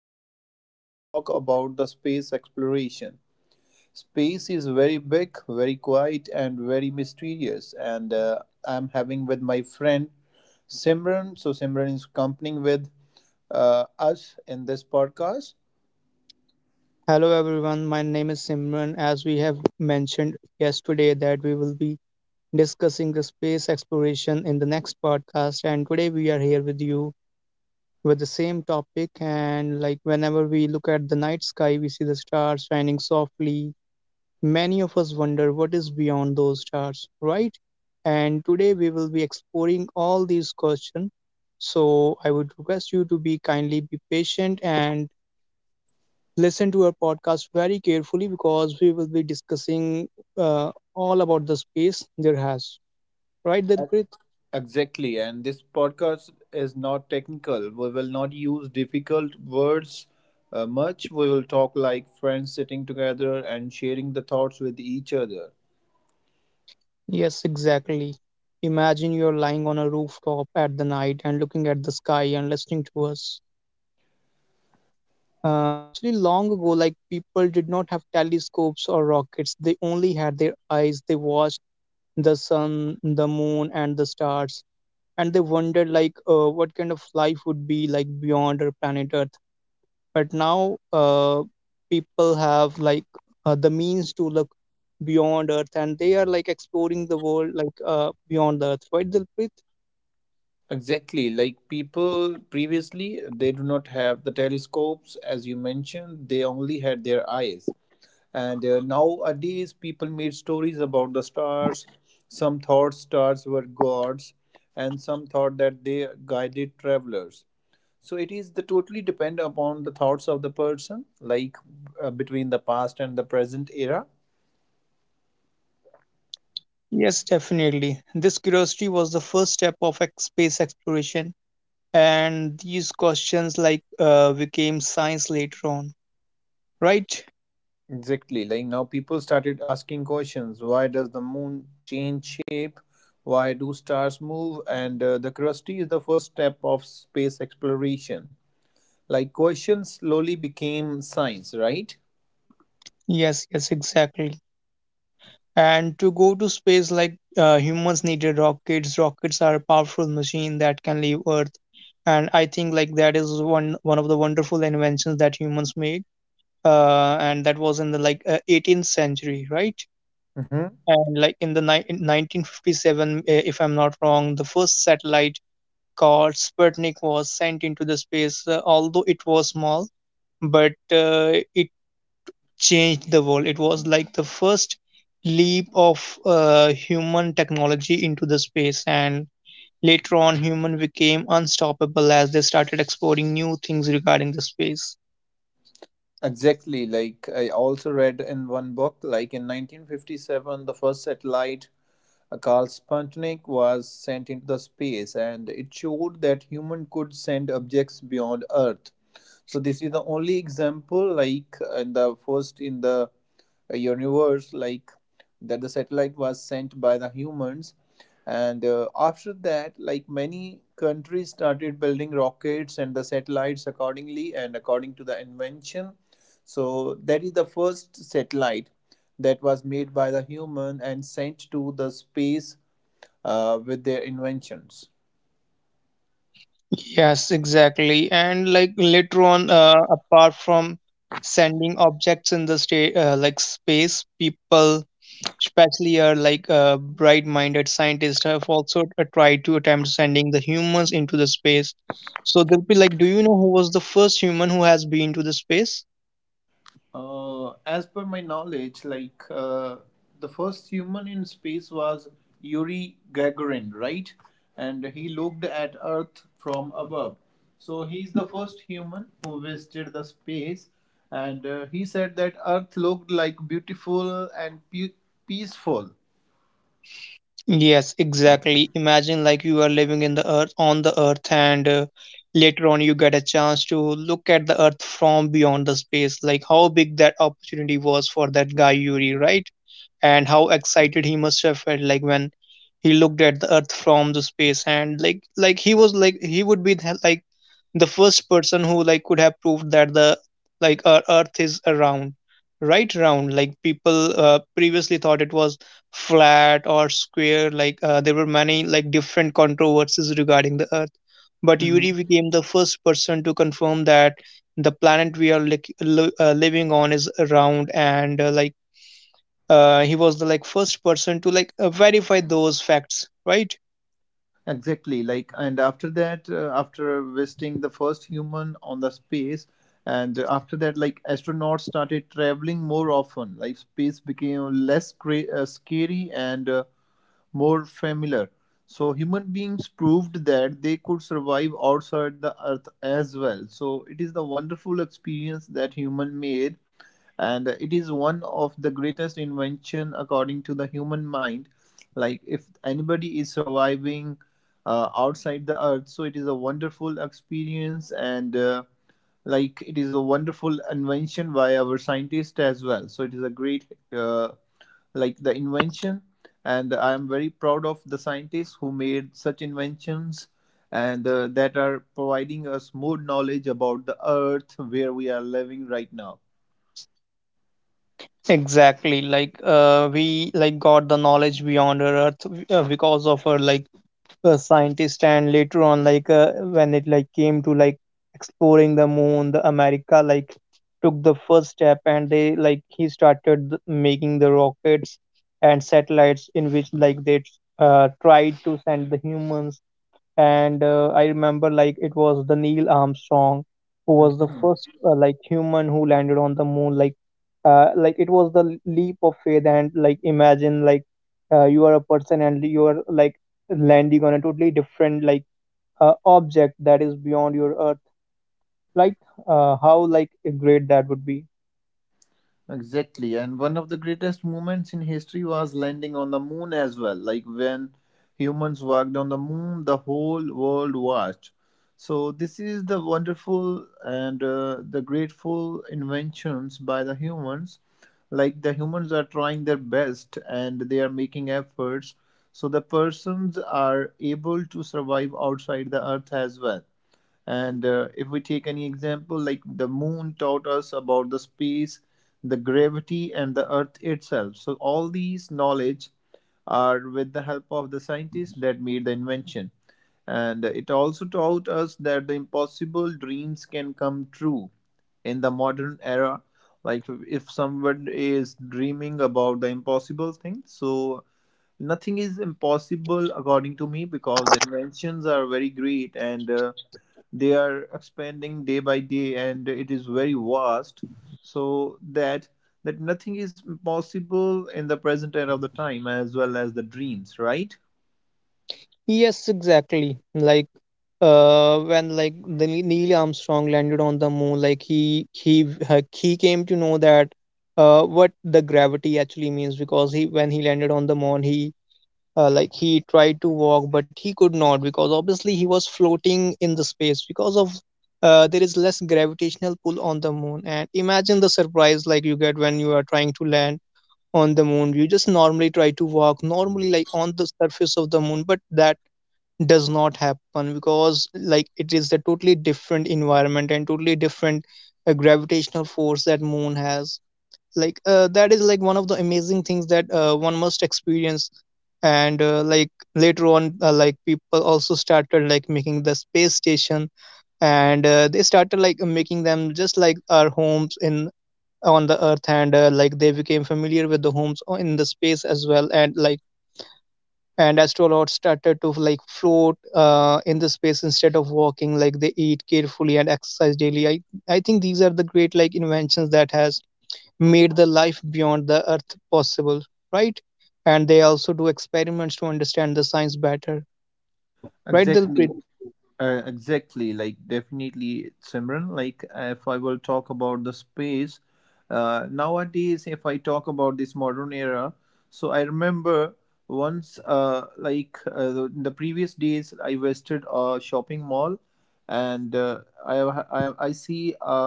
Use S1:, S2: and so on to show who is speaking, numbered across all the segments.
S1: today we are going to talk about the space exploration. Space is very big, very quiet, and very mysterious. And I'm having with my friend Simran. So Simran is accompanying with us in this podcast.
S2: Hello everyone, my name is Simran. As we have mentioned yesterday that we will be discussing the space exploration in the next podcast, and today we are here with you with the same topic. And like whenever we look at the night sky, we see the stars shining softly. Many of us wonder what is beyond those stars, right? And today we will be exploring all these questions. So I would request you to be kindly be patient and listen to our podcast very carefully because we will be discussing all about the space there has. Right, Dilpreet?
S1: Exactly, and this podcast is not technical. We will not use difficult words much. We will talk like friends sitting together and sharing the thoughts with each other.
S2: Yes, exactly. Imagine you're lying on a rooftop at the night and looking at the sky and listening to us. Actually, long ago, like people did not have telescopes or rockets, they only had their eyes. They watched the sun, the moon, and the stars, and they wondered, like, what kind of life would be like beyond our planet Earth. But now, people have like the means to look beyond Earth, and they are like exploring the world, like beyond the Earth, right, Dilpreet?
S1: Exactly, like people previously, they do not have the telescopes, as you mentioned, they only had their eyes. And Nowadays, people made stories about the stars. Some thought stars were gods, and some thought that they guided travelers, so it is the totally depend upon the thoughts of the person, like between the past and the present era.
S2: Yes, definitely. This curiosity was the first step of space exploration, and these questions like became science later on, right?
S1: Exactly, like now people started asking questions. Why does the moon change shape? Why do stars move? And the curiosity is the first step of space exploration, like questions slowly became science, right?
S2: Yes, yes, exactly. And to go to space, like humans needed rockets. Rockets are a powerful machine that can leave Earth, and I think like that is one of the wonderful inventions that humans made. And that was in the like 18th century, right?
S1: Hmm.
S2: And like in 1957, if I'm not wrong, the first satellite called Sputnik was sent into the space. Although it was small, but it changed the world. It was like the first leap of human technology into the space, and later on human became unstoppable as they started exploring new things regarding the space.
S1: Exactly. Like I also read in one book, like in 1957, the first satellite, Carl Sputnik, was sent into the space, and it showed that human could send objects beyond Earth. So this is the only example, like in the first in the universe, like that the satellite was sent by the humans, and after that, like many countries started building rockets and the satellites accordingly and according to the invention. So that is the first satellite that was made by the human and sent to the space with their inventions.
S2: Yes, exactly. And like later on, apart from sending objects in the state, like space, people, especially are like bright-minded scientists, have also tried to attempt sending the humans into the space. So they'll be like, do you know who was the first human who has been to the space?
S1: As per my knowledge, like the first human in space was Yuri Gagarin, right? And he looked at Earth from above. So he's the first human who visited the space, and he said that Earth looked like beautiful and peaceful.
S2: Yes, exactly. Imagine like you are living in the earth on the earth, and later on you get a chance to look at the earth from beyond the space. Like how big that opportunity was for that guy Yuri, right? And how excited he must have felt like when he looked at the earth from the space, and like he was like he would be the, like the first person who like could have proved that the, like our earth is around, right, round, like people previously thought it was flat or square, like there were many like different controversies regarding the earth, but Yuri became the first person to confirm that the planet we are like living on is round, and like he was the like first person to like verify those facts, right.
S1: Exactly. And after that, after visiting the first human on the space, and after that, like astronauts started traveling more often. Like, space became less scary and more familiar. So human beings proved that they could survive outside the earth as well. So it is the wonderful experience that human made, and it is one of the greatest invention according to the human mind, like if anybody is surviving outside the earth, so it is a wonderful experience, and like it is a wonderful invention by our scientists as well. So it is a great uh, like the invention, and I am very proud of the scientists who made such inventions, and that are providing us more knowledge about the earth where we are living right now.
S2: Exactly, like we like got the knowledge beyond our earth because of her like scientists, and later on like when it like came to like exploring the moon, the America like took the first step, and they like he started making the rockets and satellites in which like they tried to send the humans, and I remember like it was the Neil Armstrong who was the
S1: Mhm.
S2: first like human who landed on the moon. Like like it was the leap of faith, and like imagine like you are a person and you are like landing on a totally different like object that is beyond your earth, like how like great that would be.
S1: Exactly. And one of the greatest moments in history was landing on the moon as well. Like when humans walked on the moon, the whole world watched. So, this is the wonderful and the grateful inventions by the humans. Like the humans are trying their best and they are making efforts. So, the persons are able to survive outside the earth as well, and if we take any example, like the moon taught us about the space, the gravity, and the earth itself. So, all these knowledge are with the help of the scientists that made the invention. And it also taught us that the impossible dreams can come true in the modern era. Like, if someone is dreaming about the impossible thing, so nothing is impossible according to me because the inventions are very great, and they are expanding day by day and it is very vast, so that nothing is possible in the present era of the time as well as the dreams, right?
S2: Yes, exactly. Like when like the Neil Armstrong landed on the moon, like he he came to know that what the gravity actually means, because he when he landed on the moon, he like he tried to walk, but he could not because obviously he was floating in the space because of there is less gravitational pull on the moon. And imagine the surprise like you get when you are trying to land on the moon, you just normally try to walk normally like on the surface of the moon, but that does not happen because like it is a totally different environment and totally different gravitational force that moon has, like that is like one of the amazing things that one must experience. And like later on, like people also started like making the space station, and they started like making them just like our homes in on the earth, and like they became familiar with the homes in the space as well. And like, and astronauts started to like float in the space instead of walking, like they eat carefully and exercise daily. I think these are the great like inventions that has made the life beyond the earth possible, right, and they also do experiments to understand the science better, right, Dilpreet?
S1: Exactly. Exactly, like definitely, Simran. Like, if I will talk about the space, nowadays, if I talk about this modern era, so I remember once, in the previous days, I visited a shopping mall, and I see a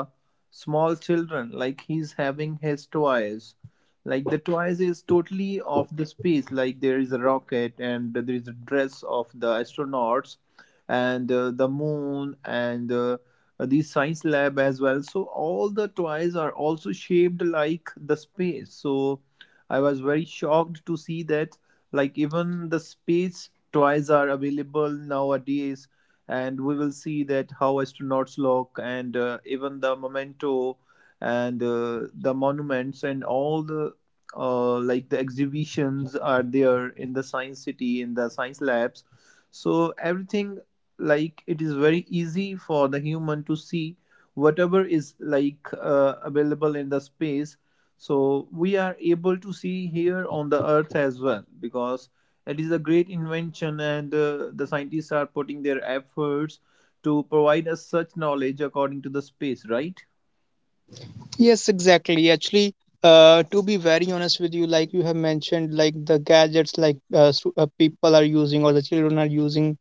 S1: small children like he's having his toys. Like the toys is totally of the space. Like there is a rocket and there is a dress of the astronauts, and the moon and the science lab as well. So all the toys are also shaped like the space, so I was very shocked to see that, like even the space toys are available nowadays, and we will see that how astronauts look, and even the memento, and the monuments and all the like the exhibitions are there in the science city, in the science labs. So everything, like it is very easy for the human to see whatever is like available in the space. So we are able to see here on the earth as well, because it is a great invention, and the scientists are putting their efforts to provide us such knowledge according to the space, right?
S2: Yes, exactly. Actually, to be very honest with you, like you have mentioned, like the gadgets like people are using or the children are using,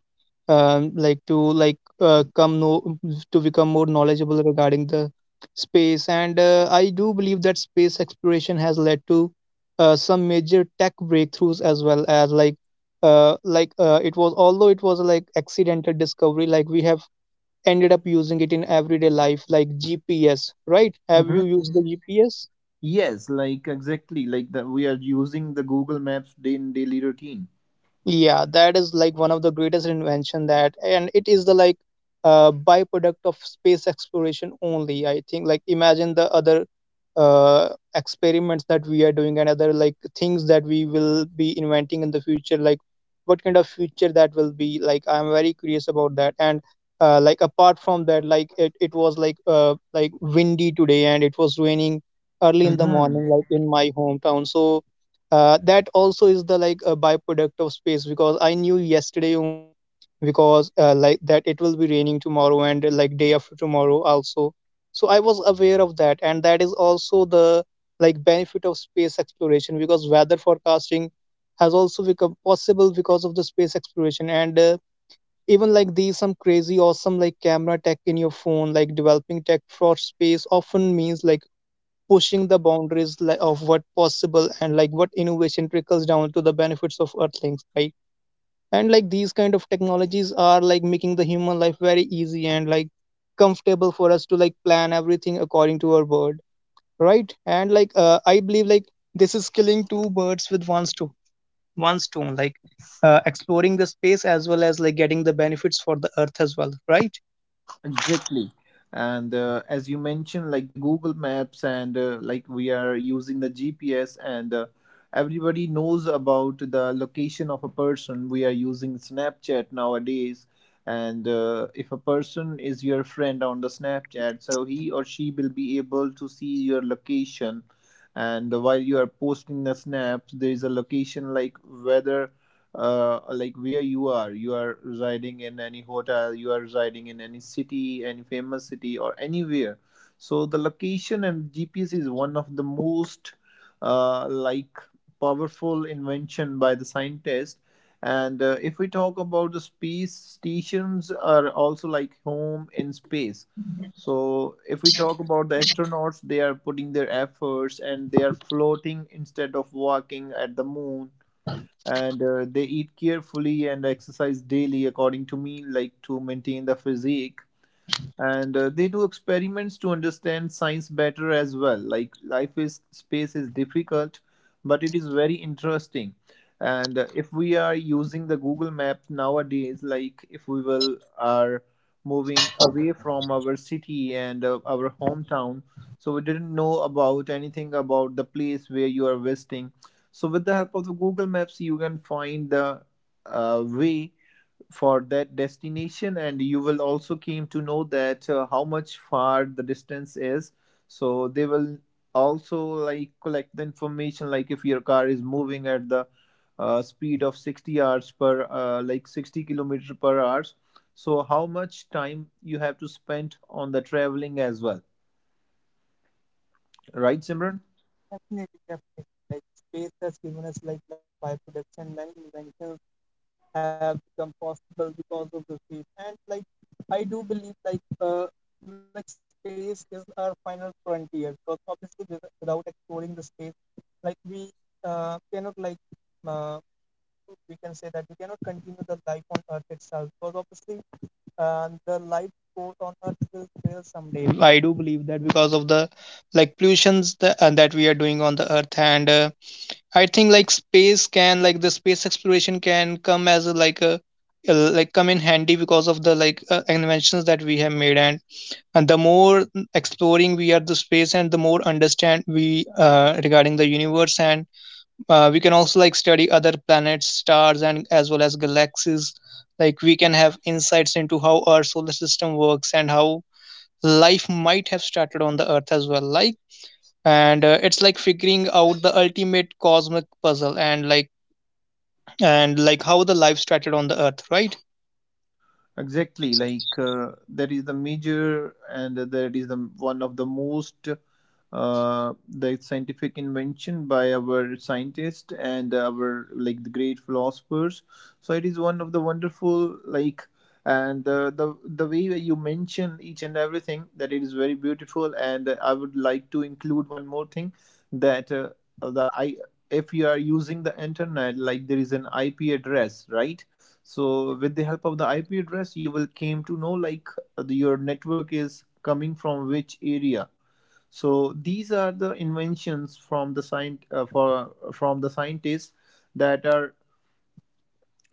S2: like to like come know to become more knowledgeable regarding the space. And I do believe that space exploration has led to some major tech breakthroughs as well as like it was, although it was like accidental discovery, like we have ended up using it in everyday life, like GPS, right? Have you
S1: Mhm.
S2: used the GPS?
S1: Yes, like exactly, like that we are using the google maps day in daily routine.
S2: Yeah, that is like one of the greatest invention that, and it is the like byproduct of space exploration only. I think like imagine the other uh, experiments that we are doing and other like things that we will be inventing in the future. Like what kind of future that will be? Like I'm very curious about that. And like apart from that, like it was like windy today, and it was raining early in the morning,
S1: Mhm.
S2: like in my hometown. So that also is the like a byproduct of space, because I knew yesterday only because like that it will be raining tomorrow, and like day after tomorrow also. So I was aware of that, and that is also the like benefit of space exploration because weather forecasting has also become possible because of the space exploration. And even like these some crazy awesome like camera tech in your phone, like developing tech for space often means like pushing the boundaries of what possible, and like what innovation trickles down to the benefits of earthlings, right. And like these kind of technologies are like making the human life very easy and like comfortable for us to like plan everything according to our word, right. And like I believe like this is killing two birds with one stone, like exploring the space as well as like getting the benefits for the earth as well, right.
S1: Exactly. And as you mentioned, like the Google Maps, and like we are using the GPS, and everybody knows about the location of a person. We are using Snapchat nowadays. And if a person is your friend on the Snapchat, so he or she will be able to see your location. And while you are posting the snaps, there is a location, like whether like where you are residing in any hotel, you are residing in any city, any famous city or anywhere. So the location and gps is one of the most like powerful invention by the scientist, and if we talk about the space stations are also like home in space. So if we talk about the astronauts, they are putting their efforts, and they are floating instead of walking at the moon, and they eat carefully and exercise daily according to me, like to maintain the physique, and they do experiments to understand science better as well. Like life is space is difficult, but it is very interesting. And if we are using the google map nowadays, like if we will are moving away from our city and our hometown, so we didn't know about anything about the place where you are visiting. So with the help of the google maps you can find the way for that destination, and you will also came to know that how much far the distance is. So they will also like collect the information, like if your car is moving at the speed of 60 hours per like 60 kilometer per hours, so how much time you have to spend on the traveling as well, right, Simran?
S2: Have become possible because of the space. And like I do believe like space is our final frontier. Because obviously without exploring the space, like we cannot like, uh, we can say that we cannot continue the life on Earth itself. Because obviously the life support on Earth will fail someday. I do believe that because of the like pollutions that, that we are doing on the Earth, and I think like space can like the space exploration can come as a like like come in handy because of the like inventions that we have made, and the more exploring we are the space and the more understand we, regarding the universe, and we can also like study other planets, stars, and as well as galaxies. Like we can have insights into how our solar system works and how life might have started on the earth as well, like and it's like figuring out the ultimate cosmic puzzle, and like how the life started on the earth, right?
S1: Exactly, like that is the major, and that is the one of the most the scientific invention by our scientists and our like the great philosophers. So it is one of the wonderful like, and the way that you mention each and everything that it is very beautiful. And I would like to include one more thing that the I if you are using the internet, like there is an IP address, right? So with the help of the IP address, you will came to know, like your network is coming from which area. So these are the inventions from the scient for from the scientists that are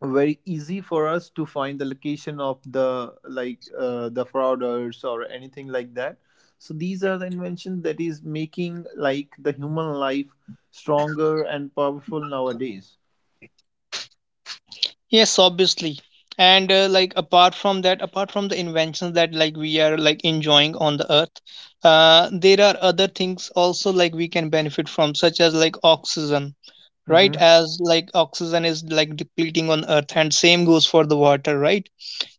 S1: very easy for us to find the location of the, like the frauders or anything like that. So these are the inventions that is making like the human life stronger and powerful nowadays.
S2: Yes, obviously. And like apart from that, apart from the inventions that like we are like enjoying on the earth, there are other things also like we can benefit from, such as like oxygen, right?
S1: Hmm.
S2: As like oxygen is like depleting on earth and same goes for the water, right?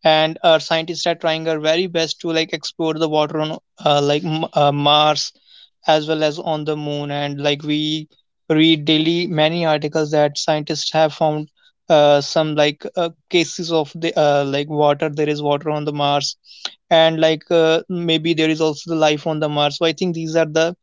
S2: And our scientists are trying their very best to like explore the water on, like mars as well as on the moon. And like we read daily many articles that scientists have found some like cases of the, like water, there is water on the mars, and like maybe there is also the life on the mars. So I think these are the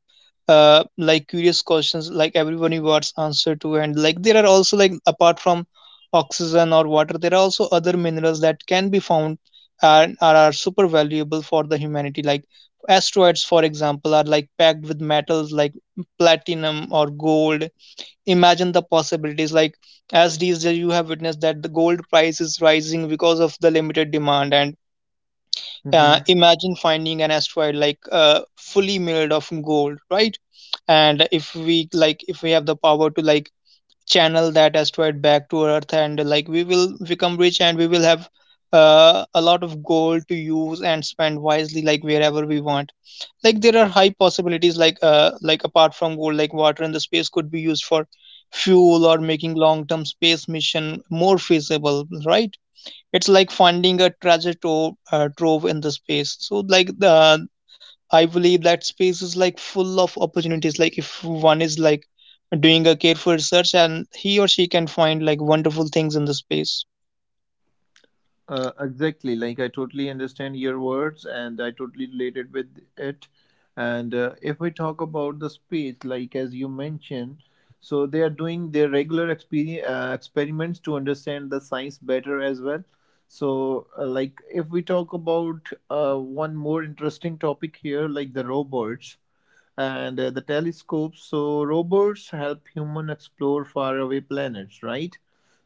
S2: like curious questions like everyone wants answer to. And like there are also, like apart from oxygen or water, there are also other minerals that can be found and are super valuable for the humanity, like asteroids for example are like packed with metals like platinum or gold. Imagine the possibilities, like as these days you have witnessed that the gold price is rising because of the limited demand. And imagine finding an asteroid like fully made of gold, right? And if we like if we have the power to like channel that asteroid back to earth, and like we will become rich, and we will have a lot of gold to use and spend wisely like wherever we want. Like there are high possibilities like apart from gold, like water in the space could be used for fuel or making long term space mission more feasible, right? It's like finding a treasure trove, trove in the space. So like the I believe that space is like full of opportunities, like if one is like doing a careful search and he or she can find like wonderful things in the space.
S1: Exactly. Like I totally understand your words, and I totally related with it. And if we talk about the space, like as you mentioned, so they are doing their regular experiments to understand the science better as well. So, like if we talk about one more interesting topic here, like the robots and the telescopes. So robots help human explore faraway planets, right?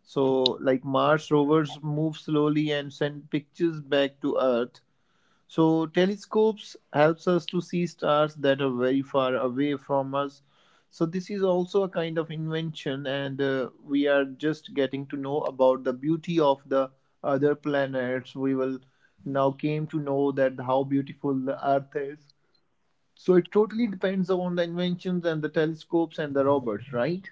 S1: So like Mars rovers move slowly and send pictures back to Earth. So telescopes helps us to see stars that are very far away from us. So this is also a kind of invention, and we are just getting to know about the beauty of the other planets. We will now came to know that how beautiful the Earth is, so it totally depends on the inventions and the telescopes and the robots, right?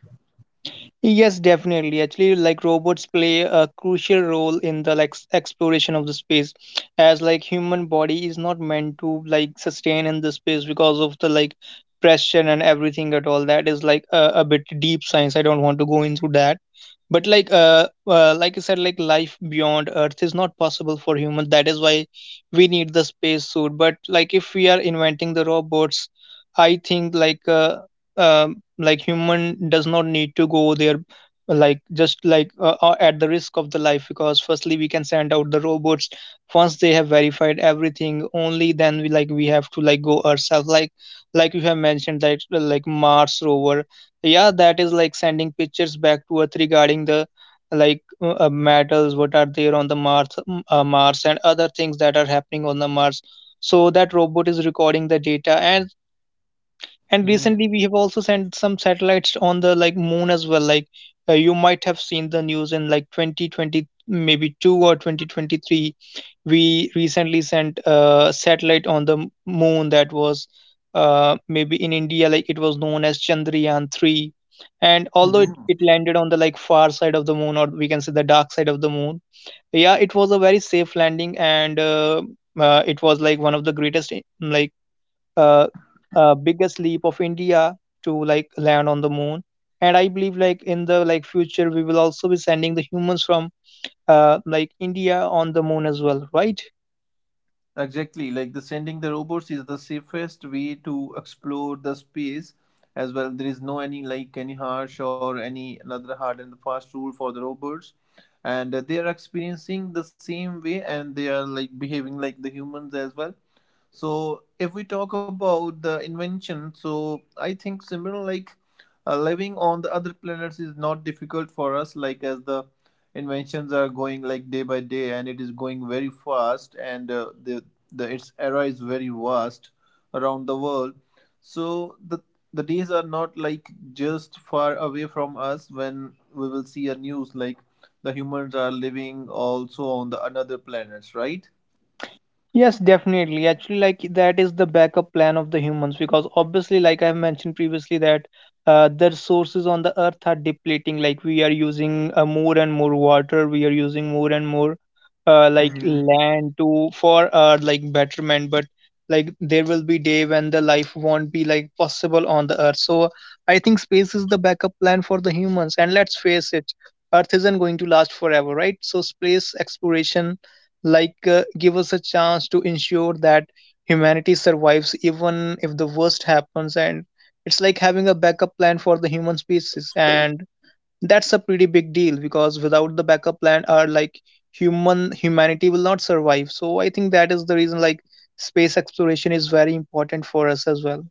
S2: Yes, definitely. Actually, like robots play a crucial role in the like exploration of the space, as like human body is not meant to like sustain in the space because of the like pressure and everything at all. That is like a bit deep science. I don't want to go into that. But like I said, like life beyond Earth is not possible for human. That is why we need the space suit. But like if we are inventing the robots, I think like human does not need to go there, like just like at the risk of the life, because firstly we can send out the robots. Once they have verified everything, only then we like we have to like go ourselves, like you have mentioned that like mars rover, yeah, that is like sending pictures back to earth regarding the like metals what are there on the mars mars and other things that are happening on the mars. So that robot is recording the data, and
S1: Hmm.
S2: recently we have also sent some satellites on the like moon as well, like you might have seen the news in like 2020 maybe 2 or 2023. We recently sent a satellite on the moon that was, maybe in india, like it was known as chandrayaan 3. And although it,
S1: Hmm.
S2: it landed on the like far side of the moon, or we can say the dark side of the moon, yeah, it was a very safe landing. And it was like one of the greatest like uh, biggest leap of India to like land on the moon. And I believe like in the like future we will also be sending the humans from, like India, on the moon as well, right?
S1: Exactly. Like the sending the robots is the safest way to explore the space as well. There is no any like any harsh or any another hard and fast rule for the robots, and they are experiencing the same way and they are like behaving like the humans as well. So if we talk about the invention, so I think similar like living on the other planets is not difficult for us, like as the inventions are going like day by day, and it is going very fast, and the its era is very vast around the world. So the days are not like just far away from us when we will see a news like the humans are living also on the another planets, right?
S2: Yes, definitely. Actually, like that is the backup plan of the humans because obviously, like I have mentioned previously, that the resources on the earth are depleting. Like we are using more and more water, we are using more and more like
S1: Mhm.
S2: land to for our like betterment. But like there will be day when the life won't be like possible on the earth. So I think space is the backup plan for the humans. And let's face it, Earth isn't going to last forever, right? So space exploration like give us a chance to ensure that humanity survives even if the worst happens, and it's like having a backup plan for the human species, and that's a pretty big deal, because without the backup plan our like humanity will not survive. So I think that is the reason, like space exploration is very important for us as well.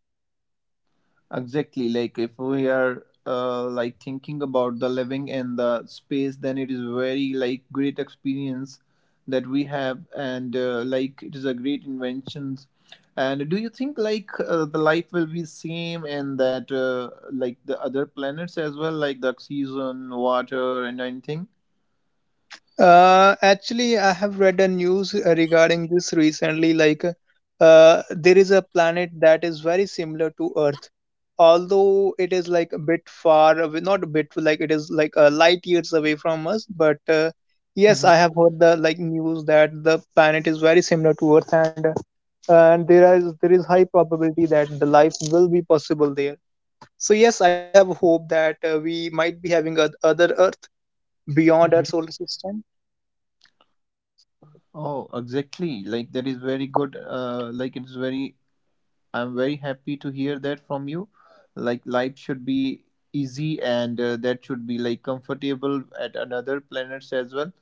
S1: Exactly. Like if we are like thinking about the living in the space, then it is very like great experience that we have, and like it is a great inventions. And do you think like the life will be same in that like the other planets as well, like the oxygen, water, and anything?
S2: Actually, I have read a news regarding this recently. Like, there is a planet that is very similar to Earth, although it is like a bit far away, not a bit, like it is like light years away from us. But yes,
S1: Hmm.
S2: I have heard the like news that the planet is very similar to Earth, and there is high probability that the life will be possible there. So yes, I do have hope that we might be having other Earth beyond our solar system.
S1: Oh, exactly. Like that is very good. Like it's very I'm very happy to hear that from you. Like life should be easy and that should be like comfortable at another planets as well.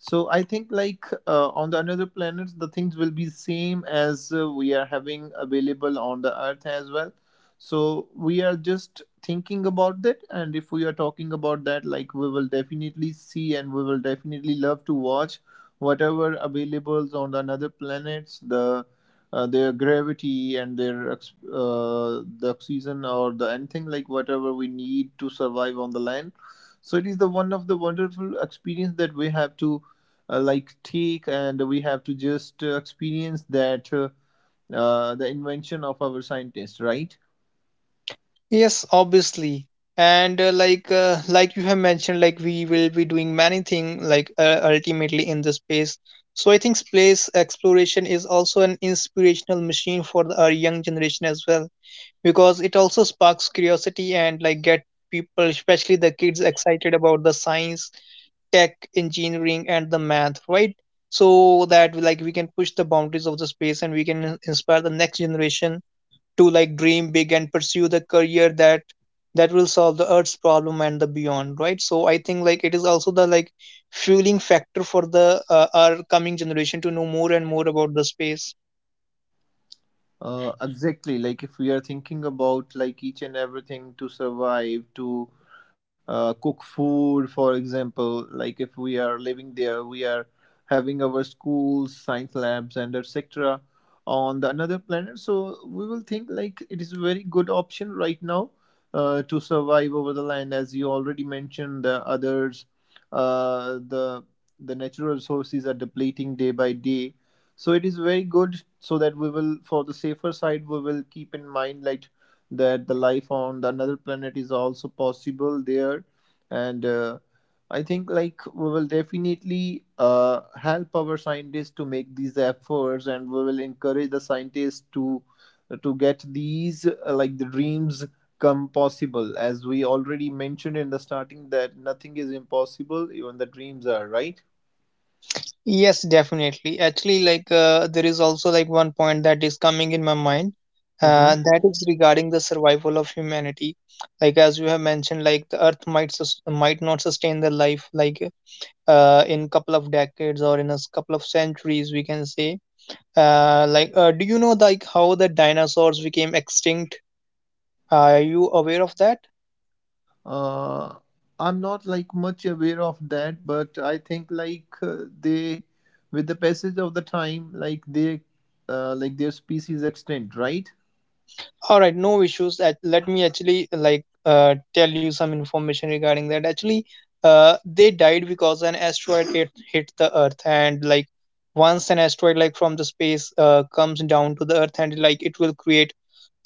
S1: So I think like on the another planets the things will be same as we are having available on the earth as well. So we are just thinking about that, and if we are talking about that, like we will definitely see and we will definitely love to watch whatever availables on the another planets the their gravity and their the oxygen or the anything like whatever we need to survive on the land. So it is the one of the wonderful experience that we have to like take, and we have to just experience that the invention of our scientists, right?
S2: Yes, obviously. And like you have mentioned, like we will be doing many things like ultimately in the space. So I think space exploration is also an inspirational machine for the, our young generation as well, because it also sparks curiosity and like get people, especially the kids, excited about the science, tech, engineering, and the math, right? So that like we can push the boundaries of the space, and we can inspire the next generation to like dream big and pursue the career that will solve the earth's problem and the beyond, right? So I think like it is also the like fueling factor for the, our coming generation to know more and more about the space.
S1: Exactly. Like if we are thinking about like each and everything to survive, to cook food, for example, like if we are living there, we are having our schools, science labs, and etc. on the another planet. So we will think like it is a very good option right now to survive over the land, as you already mentioned. The others, uh, the the natural resources are depleting day by day. So it is very good, so that we will, for the safer side, we will keep in mind like that the life on the another planet is also possible there, and I think like we will definitely help our scientists to make these efforts, and we will encourage the scientists to get these like the dreams come possible, as we already mentioned in the starting that nothing is impossible, even the dreams are right.
S2: Yes, definitely. Actually, like there is also like one point that is coming in my mind,
S1: Hmm.
S2: that is regarding the survival of humanity, like as you have mentioned, like the earth might might not sustain the life, like in couple of decades or in a couple of centuries we can say. Like, do you know like how the dinosaurs became extinct? Are you aware of that?
S1: Uh, I'm not like much aware of that, but I think like with the passage of the time, like like their species extend, right?
S2: All right, no issues. Let me actually like tell you some information regarding that. Actually, they died because an asteroid hit the Earth, and like once an asteroid like from the space comes down to the Earth, and like it will create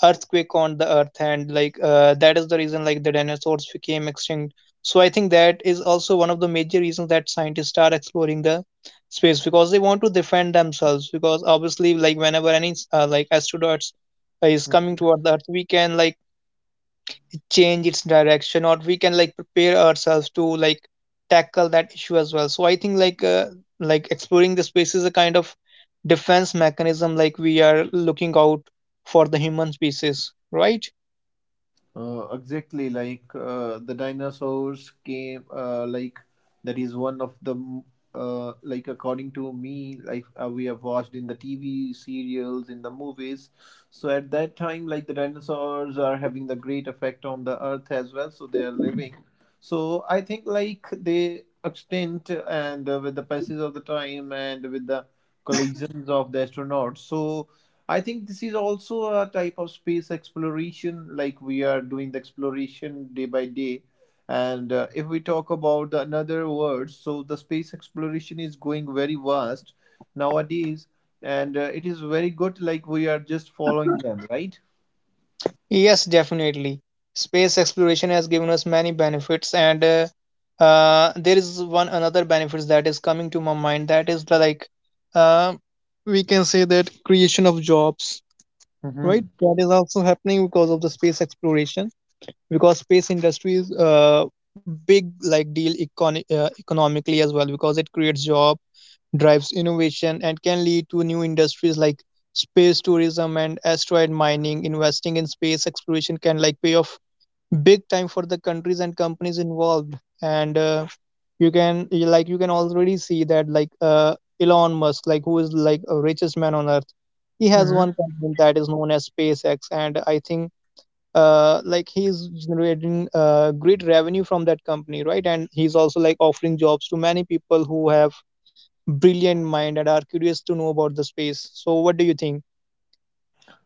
S2: earthquake on the earth. And like that is the reason, like the dinosaurs became extinct. So I think that is also one of the major reasons that scientists are exploring the space, because they want to defend themselves. Because obviously like whenever any like astronauts is coming
S1: Mhm.
S2: toward the earth, we can like change its direction, or we can like prepare ourselves to like tackle that issue as well. So I think like exploring the space is a kind of defense mechanism, like we are looking out for the human species, right?
S1: Exactly, like the dinosaurs came, like that is one of the, like according to me, like we have watched in the TV serials, in the movies. So at that time, like the dinosaurs are having the great effect on the earth as well. So they are living. So I think like they extinct, and with the passage of the time and with the collisions of the astronauts. So I think this is also a type of space exploration, like we are doing the exploration day by day. And if we talk about the another word, so the space exploration is going very vast nowadays, and it is very good, like we are just following them, right?
S2: Yes, definitely. Space exploration has given us many benefits, and there is one another benefits that is coming to my mind. That is the, like, uh, we can say that creation of jobs, right?
S1: Mm-hmm.
S2: That is also happening because of the space exploration. Because space industry is big like deal economically as well, because it creates job, drives innovation, and can lead to new industries like space tourism and asteroid mining. Investing in space exploration can like pay off big time for the countries and companies involved. And you can already see that like Elon Musk, like who is like a richest man on earth, he has one
S1: Mm-hmm.
S2: company that is known as SpaceX. And I think like he's generating great revenue from that company, right? And he's also like offering jobs to many people who have brilliant mind and are curious to know about the space. So, what do you think?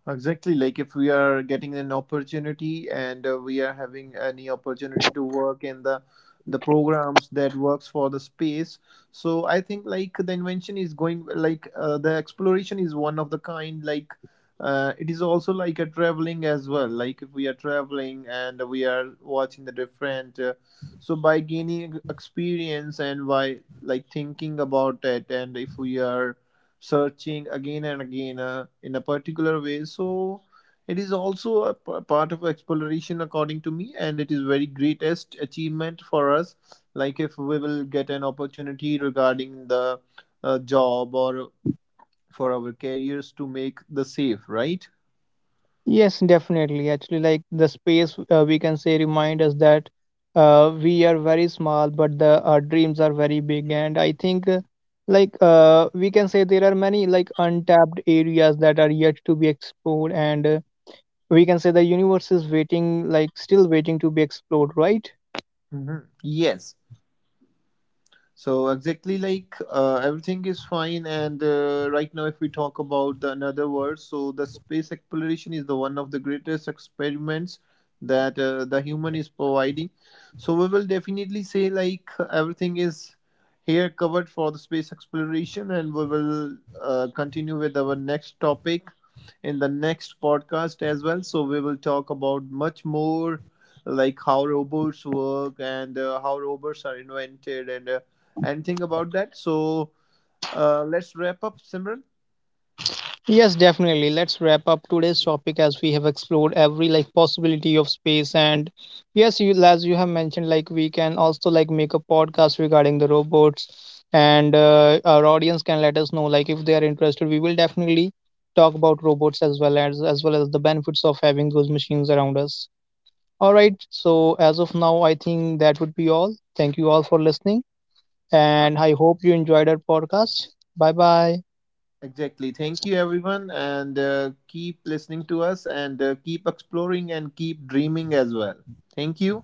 S1: Exactly, like if we are getting an opportunity, and we are having any opportunity to work in the programs that works for the space. So I think like the invention is going like the exploration is one of the kind. Like it is also like a traveling as well. Like if we are traveling and we are watching the different. So by gaining experience and by like thinking about it, and if we are searching again and again in a particular way. So it is also a part of exploration, according to me, and it is very greatest achievement for us. Like if we will get an opportunity regarding the job or for our careers to make the safe, right?
S2: Yes, definitely. Actually, like the space, we can say remind us that we are very small, but the our dreams are very big. And I think, like we can say there are many like untapped areas that are yet to be explored, and we can say the universe is waiting, like still waiting to be explored, right?
S1: Mhm. Yes, so exactly like everything is fine, and right now, if we talk about the another word, so the space exploration is the one of the greatest experiments that the human is providing. So we will definitely say like everything is here covered for the space exploration, and we will continue with our next topic in the next podcast as well. So we will talk about much more like how robots work, and how robots are invented and. Anything about that. So let's wrap up, Simran.
S2: Yes, definitely. Let's wrap up today's topic as we have explored every like possibility of space. And yes, you as you have mentioned, like we can also like make a podcast regarding the robots, and our audience can let us know like if they are interested. We will definitely talk about robots as well as the benefits of having those machines around us. All right. So as of now, I think that would be all. Thank you all for listening,
S1: Uh,
S2: and I hope you enjoyed our podcast. Bye bye.
S1: exactly. Thank you, everyone, and keep listening to us, and keep exploring, and keep dreaming as well. Thank you.